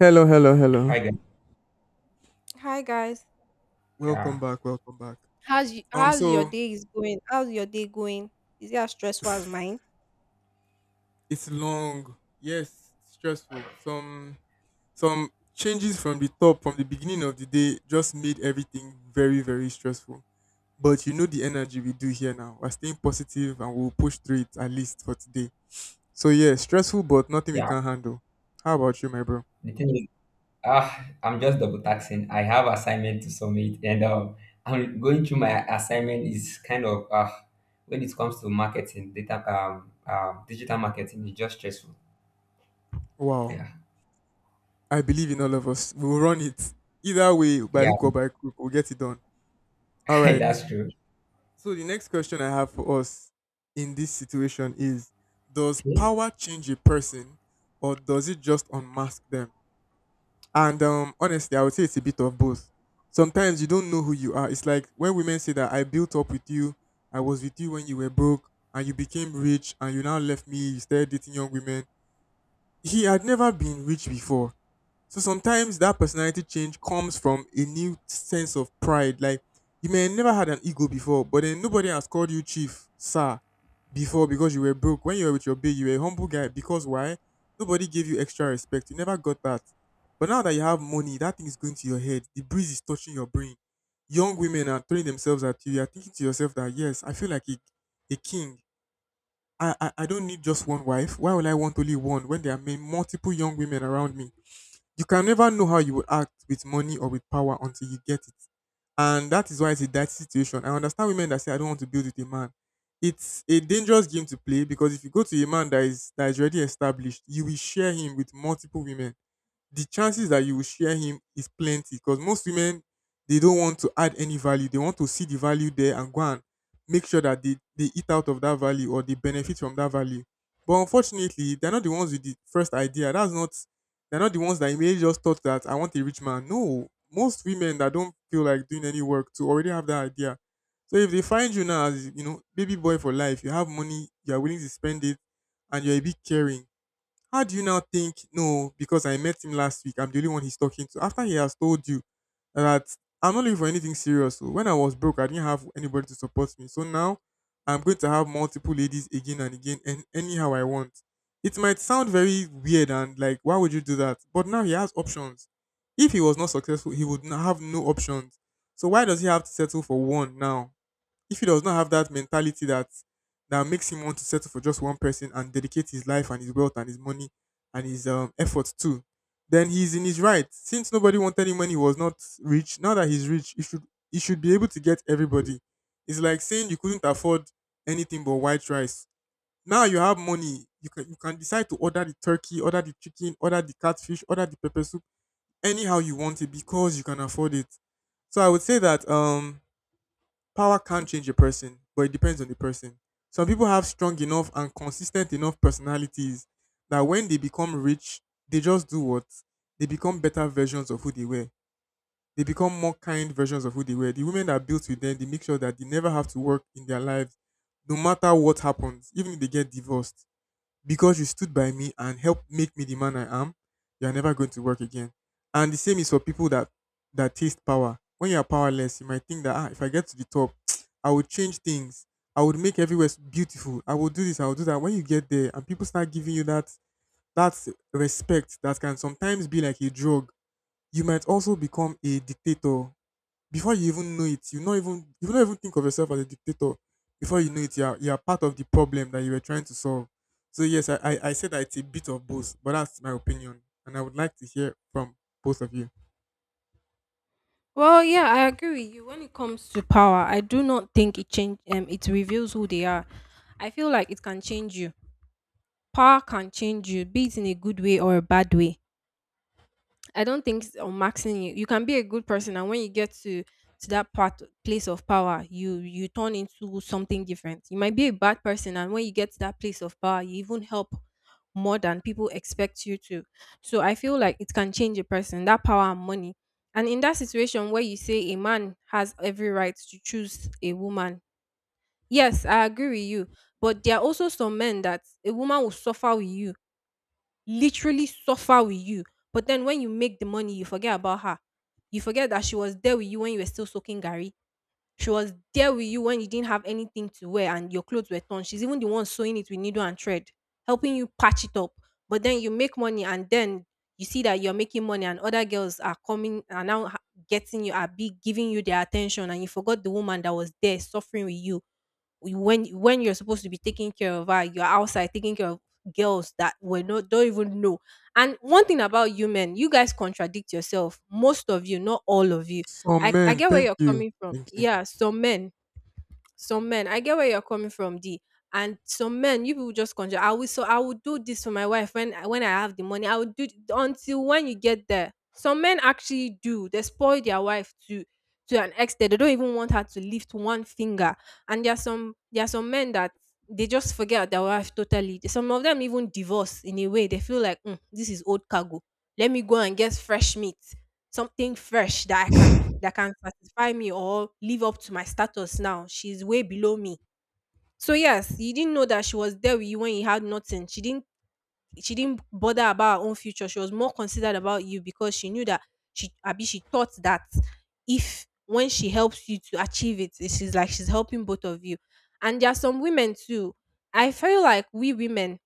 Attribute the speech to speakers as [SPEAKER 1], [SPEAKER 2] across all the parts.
[SPEAKER 1] Hello, hello, hello.
[SPEAKER 2] Hi guys.
[SPEAKER 3] Hi guys.
[SPEAKER 2] Yeah,
[SPEAKER 1] Welcome back, welcome back.
[SPEAKER 3] How's you,
[SPEAKER 1] Um,
[SPEAKER 3] how's your
[SPEAKER 1] so
[SPEAKER 3] day is going? How's your day going? Is it as stressful as mine?
[SPEAKER 1] it's long, yes, stressful. Some changes from the top, from the beginning of the day, just made everything very, very stressful. But you know the energy we do here now. We're staying positive and we'll push through it at least for today. So yeah, stressful but nothing we
[SPEAKER 2] yeah.
[SPEAKER 1] can't handle. How about you, my bro?
[SPEAKER 2] The thing is, I'm just double taxing. I have assignment to submit, and I'm going through my assignment is kind of when it comes to marketing, data, digital marketing is just stressful.
[SPEAKER 1] Wow.
[SPEAKER 2] Yeah,
[SPEAKER 1] I believe in all of us. We'll run it. Either way, by
[SPEAKER 2] yeah,
[SPEAKER 1] hook or by crook, we'll get it done. All right.
[SPEAKER 2] that's true.
[SPEAKER 1] So the next question I have for us in this situation is: Does
[SPEAKER 2] Okay.
[SPEAKER 1] power change a person, or does it just unmask them? And honestly, I would say it's a bit of both. Sometimes you don't know who you are. It's like when women say that I built up with you, I was with you when you were broke, and you became rich, and you now left me. You started dating young women. He had never been rich before. So sometimes that personality change comes from a new sense of pride. Like you may have never had an ego before, but then nobody has called you chief, sir, before because you were broke. When you were with your big, you were a humble guy. Because why? Nobody gave you extra respect. You never got that. But now that you have money, that thing is going to your head. The breeze is touching your brain. Young women are throwing themselves at you. You're thinking to yourself that yes, I feel like a king. I don't need just one wife. Why would I want only one when there are multiple young women around me? You can never know how you would act with money or with power until you get it. And that is why it's a dirty situation. I understand women that say I don't want to build with a man. It's a dangerous game to play because if you go to a man that is already established, you will share him with multiple women. The chances that you will share him is plenty because most women, they don't want to add any value, they want to see the value there and go and make sure that they eat out of that value or they benefit from that value. But unfortunately they're not the ones with the first idea. That's not, they're not the ones that immediately just thought that I want a rich man. No, most women that don't feel like doing any work to already have that idea. So if they find you now as, you know, baby boy for life, you have money, you're willing to spend it, and you're a bit caring, how do you now think, no, because I met him last week, I'm the only one he's talking to? After he has told you that I'm not looking for anything serious. So when I was broke, I didn't have anybody to support me. So now I'm going to have multiple ladies again and again and anyhow I want. It might sound very weird and like, why would you do that? But now he has options. If he was not successful, he would have no options. So why does he have to settle for one now? If he does not have that mentality that makes him want to settle for just one person and dedicate his life and his wealth and his money and his effort too, then he's in his right. Since nobody wanted him when he was not rich, now that he's rich, he should be able to get everybody. It's like saying you couldn't afford anything but white rice. Now you have money, you can decide to order the turkey, order the chicken, order the catfish, order the pepper soup anyhow you want it because you can afford it. So I would say that power can't change a person, but it depends on the person. Some people have strong enough and consistent enough personalities that when they become rich, they just do what? They become better versions of who they were. They become more kind versions of who they were. The women that built with them, they make sure that they never have to work in their lives, no matter what happens, even if they get divorced, because you stood by me and helped make me the man I am, you're never going to work again. And the same is for people that taste power. When you're powerless, you might think that if I get to the top, I would change things. I would make everywhere beautiful. I will do this. I will do that. When you get there and people start giving you that respect that can sometimes be like a drug, you might also become a dictator before you even know it, you not even think of yourself as a dictator. Before you know it, you are part of the problem that you were trying to solve. So yes, I said that it's a bit of both, but that's my opinion, and I would like to hear from both of you.
[SPEAKER 3] Well, yeah, I agree with you. When it comes to power, I do not think it change it reveals who they are. I feel like it can change you. Power can change you, be it in a good way or a bad way. I don't think on maxing you. You can be a good person, and when you get to that part place of power, you turn into something different. You might be a bad person, and when you get to that place of power, you even help more than people expect you to. So I feel like it can change a person. That power and money, and in that situation where you say a man has every right to choose a woman, yes, I agree with you. But there are also some men that a woman will suffer with you literally suffer with you. But then when you make the money, you forget about her. You forget that she was there with you when you were still soaking Gary. She was there with you when you didn't have anything to wear and your clothes were torn. She's even the one sewing it with needle and thread, helping you patch it up. But then you make money, and then you see that you're making money, and other girls are coming are now getting you are big giving you their attention, and you forgot the woman that was there suffering with you when you're supposed to be taking care of her, you're outside taking care of girls that were not don't even know. And one thing about you men, you guys contradict yourself. Most of you, not all of you.
[SPEAKER 1] Oh
[SPEAKER 3] I
[SPEAKER 1] man,
[SPEAKER 3] get where
[SPEAKER 1] thank
[SPEAKER 3] you're
[SPEAKER 1] you,
[SPEAKER 3] coming from.
[SPEAKER 1] thank you.
[SPEAKER 3] Yeah, some men I get where you're coming from d and some men, you people just conjure, I will do this for my wife when when I have the money, I will do until when you get there, some men actually do. They spoil their wife to an extent they don't even want her to lift one finger. And there are some, there are some men that they just forget their wife totally. Some of them even divorce in a way. They feel like, "Mm, this is old cargo. Let me go and get fresh meat, something fresh that I can that can satisfy me or live up to my status now. She's way below me." So yes, you didn't know that she was there with you when you had nothing. She didn't bother about her own future. She was more considered about you, because she knew that she thought that if when she helps you to achieve it, she's like she's helping both of you. And there are some women too. I feel like we women,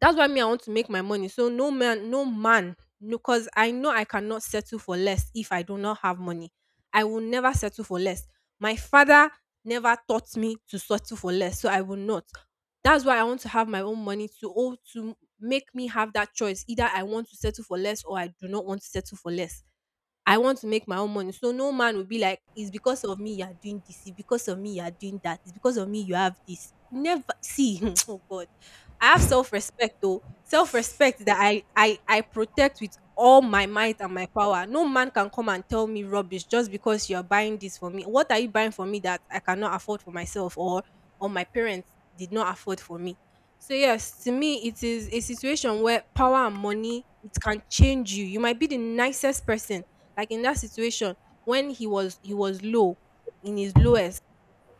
[SPEAKER 3] that's why me I want to make my money. So no man, no man, because I know I cannot settle for less if I do not have money. I will never settle for less. My father never taught me to settle for less, so I will not. That's why I want to have my own money to to make me have that choice. Either I want to settle for less or I do not want to settle for less. I want to make my own money. So no man will be like, it's because of me you are doing this, it's because of me you are doing that, it's because of me you have this. Never see, oh God. I have self-respect though. Self-respect that I protect with all my might and my power. No man can come and tell me rubbish just because you're buying this for me. What are you buying for me that I cannot afford for myself or my parents did not afford for me? So yes, to me it is a situation where power and money it can change you. You might be the nicest person, like in that situation when he was low, in his lowest,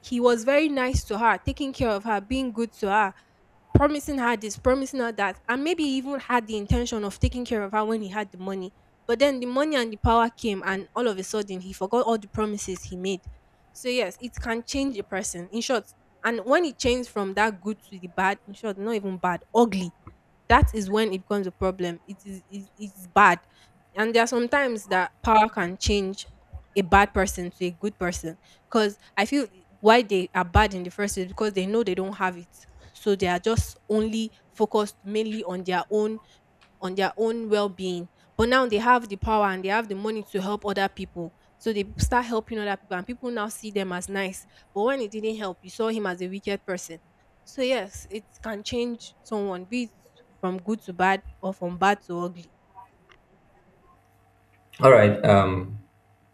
[SPEAKER 3] he was very nice to her, taking care of her, being good to her, promising her this, promising her that, and maybe he even had the intention of taking care of her when he had the money. But then the money and the power came, and all of a sudden he forgot all the promises he made. So yes, it can change a person. In short, and when it changed from that good to the bad, in short, not even bad, ugly, that is when it becomes a problem. It's bad, and there are sometimes that power can change a bad person to a good person. Because I feel why they are bad in the first place, because they know they don't have it, so they are just only focused mainly on their own well-being. But now they have the power and they have the money to help other people, so they start helping other people, and people now see them as nice. But when it didn't help, you saw him as a wicked person. So yes, it can change someone, be it from good to bad or from bad to ugly.
[SPEAKER 2] All right.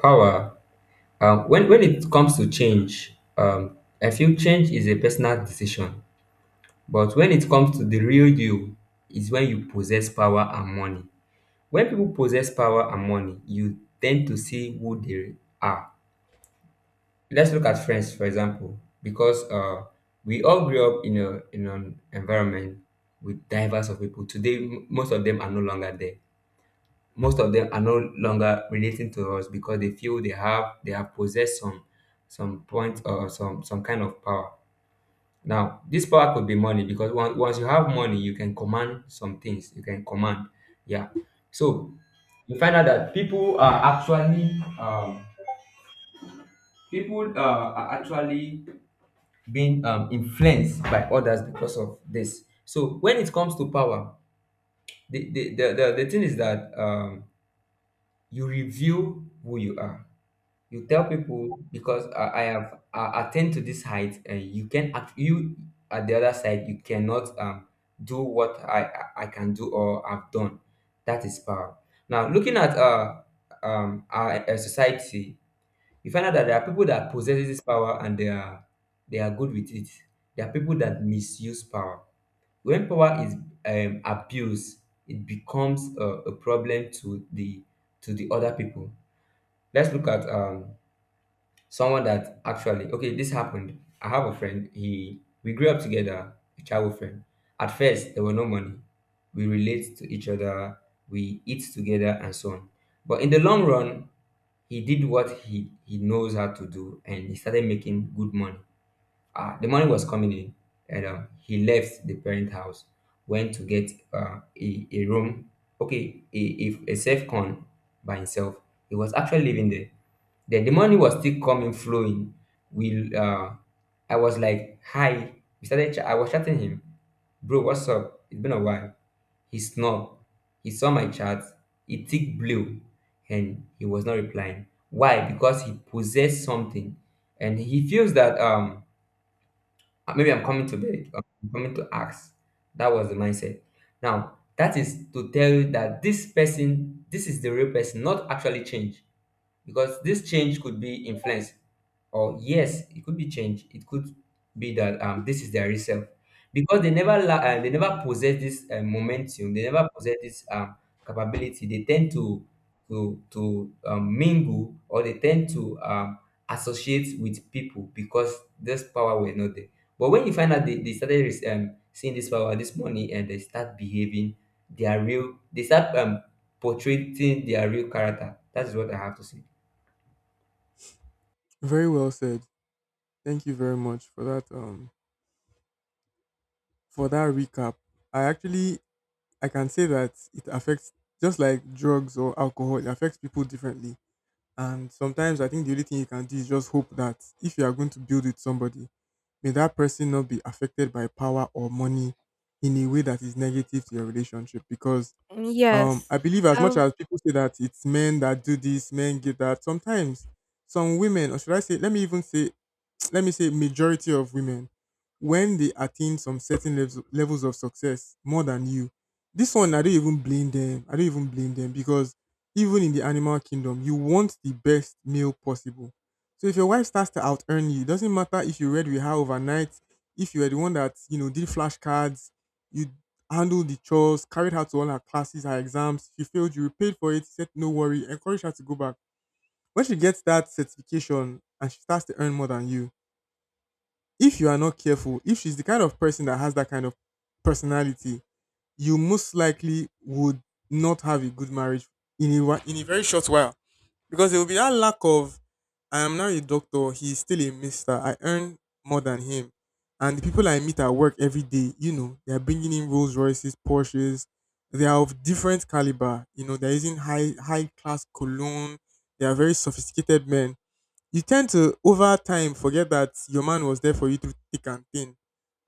[SPEAKER 2] Power. When it comes to change, I feel change is a personal decision, but when it comes to the real you, is when you possess power and money. When people possess power and money, you tend to see who they are. Let's look at friends, for example, because we all grew up in a in an environment with diverse of people. Today, most of them are no longer there. Most of them are no longer relating to us because they feel they have possessed some point or some kind of power. Now, this power could be money because once you have money, you can command some things. You can command, yeah. So you find out that people are actually being influenced by others because of this. So when it comes to power, the thing is that you reveal who you are you tell people because I attained to this height, you can act you at the other side you cannot do what I can do or I've done. That is power. Now looking at our society, you find out that there are people that possess this power and they are good with it. There are people that misuse power. When power is abused, it becomes a problem to the other people. Let's look at someone that actually okay this happened. I have a friend, he we grew up together, a childhood friend. At first there were no money, we relate to each other, we eat together and so on, but in the long run he did what he knows how to do and he started making good money. Uh, the money was coming in, and he left the parent house, went to get a room, okay, a, a safe con by himself. He was actually living there. Then the money was still coming, flowing. We, uh, I was like, hi. I was chatting him, bro. What's up? It's been a while. He snob. He saw my chat. He ticked blue, and he was not replying. Why? Because he possessed something, and he feels that maybe I'm coming to beg, I'm coming to ask. That was the mindset. Now, that is to tell you that this person, this is the real person, not actually change because this change could be influence or yes it could be change it could be that this is their real self because they never possess this momentum, they never possess this capability. They tend to mingle or they tend to associate with people because this power were not there, but when you find out they started seeing this power this money and they start behaving their real they start portraying their real character. That is what I have to say.
[SPEAKER 1] Very well said. Thank you very much for that recap. I actually, I can say that it affects, just like drugs or alcohol, it affects people differently. And sometimes I think the only thing you can do is just hope that if you are going to build with somebody, may that person not be affected by power or money in a way that is negative to your relationship, because
[SPEAKER 3] Yes.
[SPEAKER 1] I believe, as much
[SPEAKER 3] um
[SPEAKER 1] as people say that it's men that do this, men get that sometimes some women, or should I say, let me even say, let me say majority of women, when they attain some certain levels of success more than you, this one I don't even blame them, I don't even blame them, because even in the animal kingdom you want the best male possible. So if your wife starts to out earn you, it doesn't matter if you read with her overnight, if you were the one that, you know, did flashcards, you handled the chores, carried her to all her classes, her exams she failed you paid for it, said no worry, encourage her to go back. When she gets that certification and she starts to earn more than you, if you are not careful, if she's the kind of person that has that kind of personality, you most likely would not have a good marriage in a in a very short while, because it will be that lack of I am now a doctor, he's still a mister. I earn more than him, and the people I meet at work every day, you know, they are bringing in Rolls Royces, Porsches. They are of different caliber. You know, they're using high class cologne. They are very sophisticated men. You tend to over time forget that your man was there for you through thick and thin.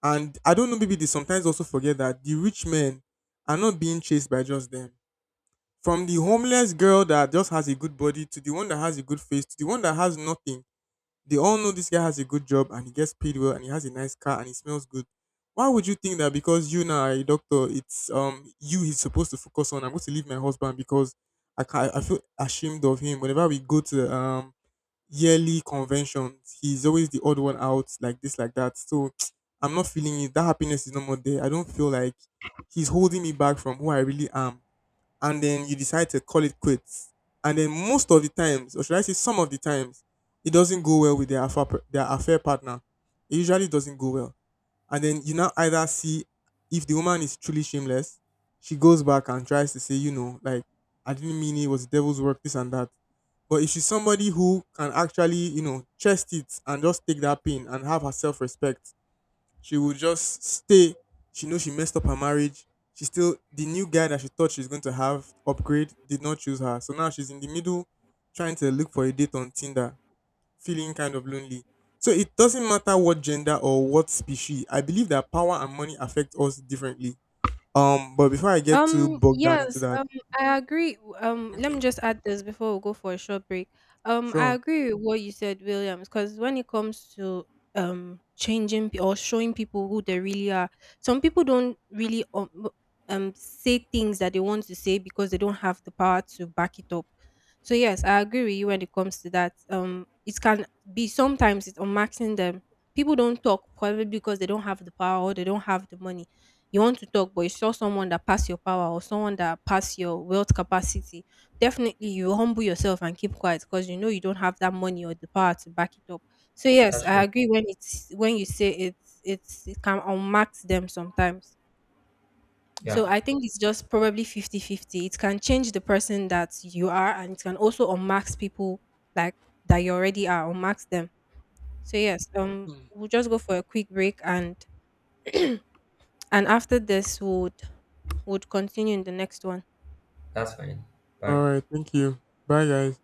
[SPEAKER 1] And I don't know, maybe they sometimes also forget that the rich men are not being chased by just them. From the homeless girl that just has a good body, to the one that has a good face, to the one that has nothing, they all know this guy has a good job and he gets paid well and he has a nice car and he smells good. Why would you think that because you now are a doctor, it's you he's supposed to focus on? I'm going to leave my husband because I can, I feel ashamed of him. Whenever we go to yearly conventions. He's always the odd one out, like this, like that. So I'm not feeling it. That happiness is no more there. I don't feel like, he's holding me back from who I really am. And then you decide to call it quits. And then most of the times, or should I say some of the times, it doesn't go well with their affair partner. It usually doesn't go well. And then you now either see, if the woman is truly shameless, she goes back and tries to say, you know, like, I didn't mean it, it was the devil's work, this and that. But if she's somebody who can actually, you know, chest it and just take that pain and have her self respect, she will just stay. She knows she messed up her marriage. She still, the new guy that she thought she's going to have upgrade did not choose her. So now she's in the middle trying to look for a date on Tinder, feeling kind of lonely. So it doesn't matter what gender or what species. I believe that power and money affect us differently. But before I get too bogged down into
[SPEAKER 3] Yes,
[SPEAKER 1] that,
[SPEAKER 3] I agree. Let me
[SPEAKER 1] okay,
[SPEAKER 3] just add this before we go for a short break. I
[SPEAKER 1] sure.
[SPEAKER 3] agree with what you said, Williams, because when it comes to changing or showing people who they really are, some people don't really say things that they want to say, because they don't have the power to back it up. So yes, I agree with you when it comes to that. It can be sometimes, it's on maxing them. People don't talk probably because they don't have the power or they don't have the money. You want to talk, but you saw someone that passed your power or someone that passed your wealth capacity, definitely you humble yourself and keep quiet, because you know you don't have that money or the power to back it up. So yes,
[SPEAKER 2] That's
[SPEAKER 3] I
[SPEAKER 2] true.
[SPEAKER 3] agree when it's when you say it can unmax them sometimes.
[SPEAKER 2] Yeah,
[SPEAKER 3] So I think it's just probably fifty-fifty. It can change the person that you are, and it can also unmax people like that you already are, unmax them. So yes,
[SPEAKER 1] Mm.
[SPEAKER 3] we'll just go for a quick break, and after this would continue in the next one.
[SPEAKER 2] that's fine. Bye.
[SPEAKER 1] All right, thank you. Bye, guys.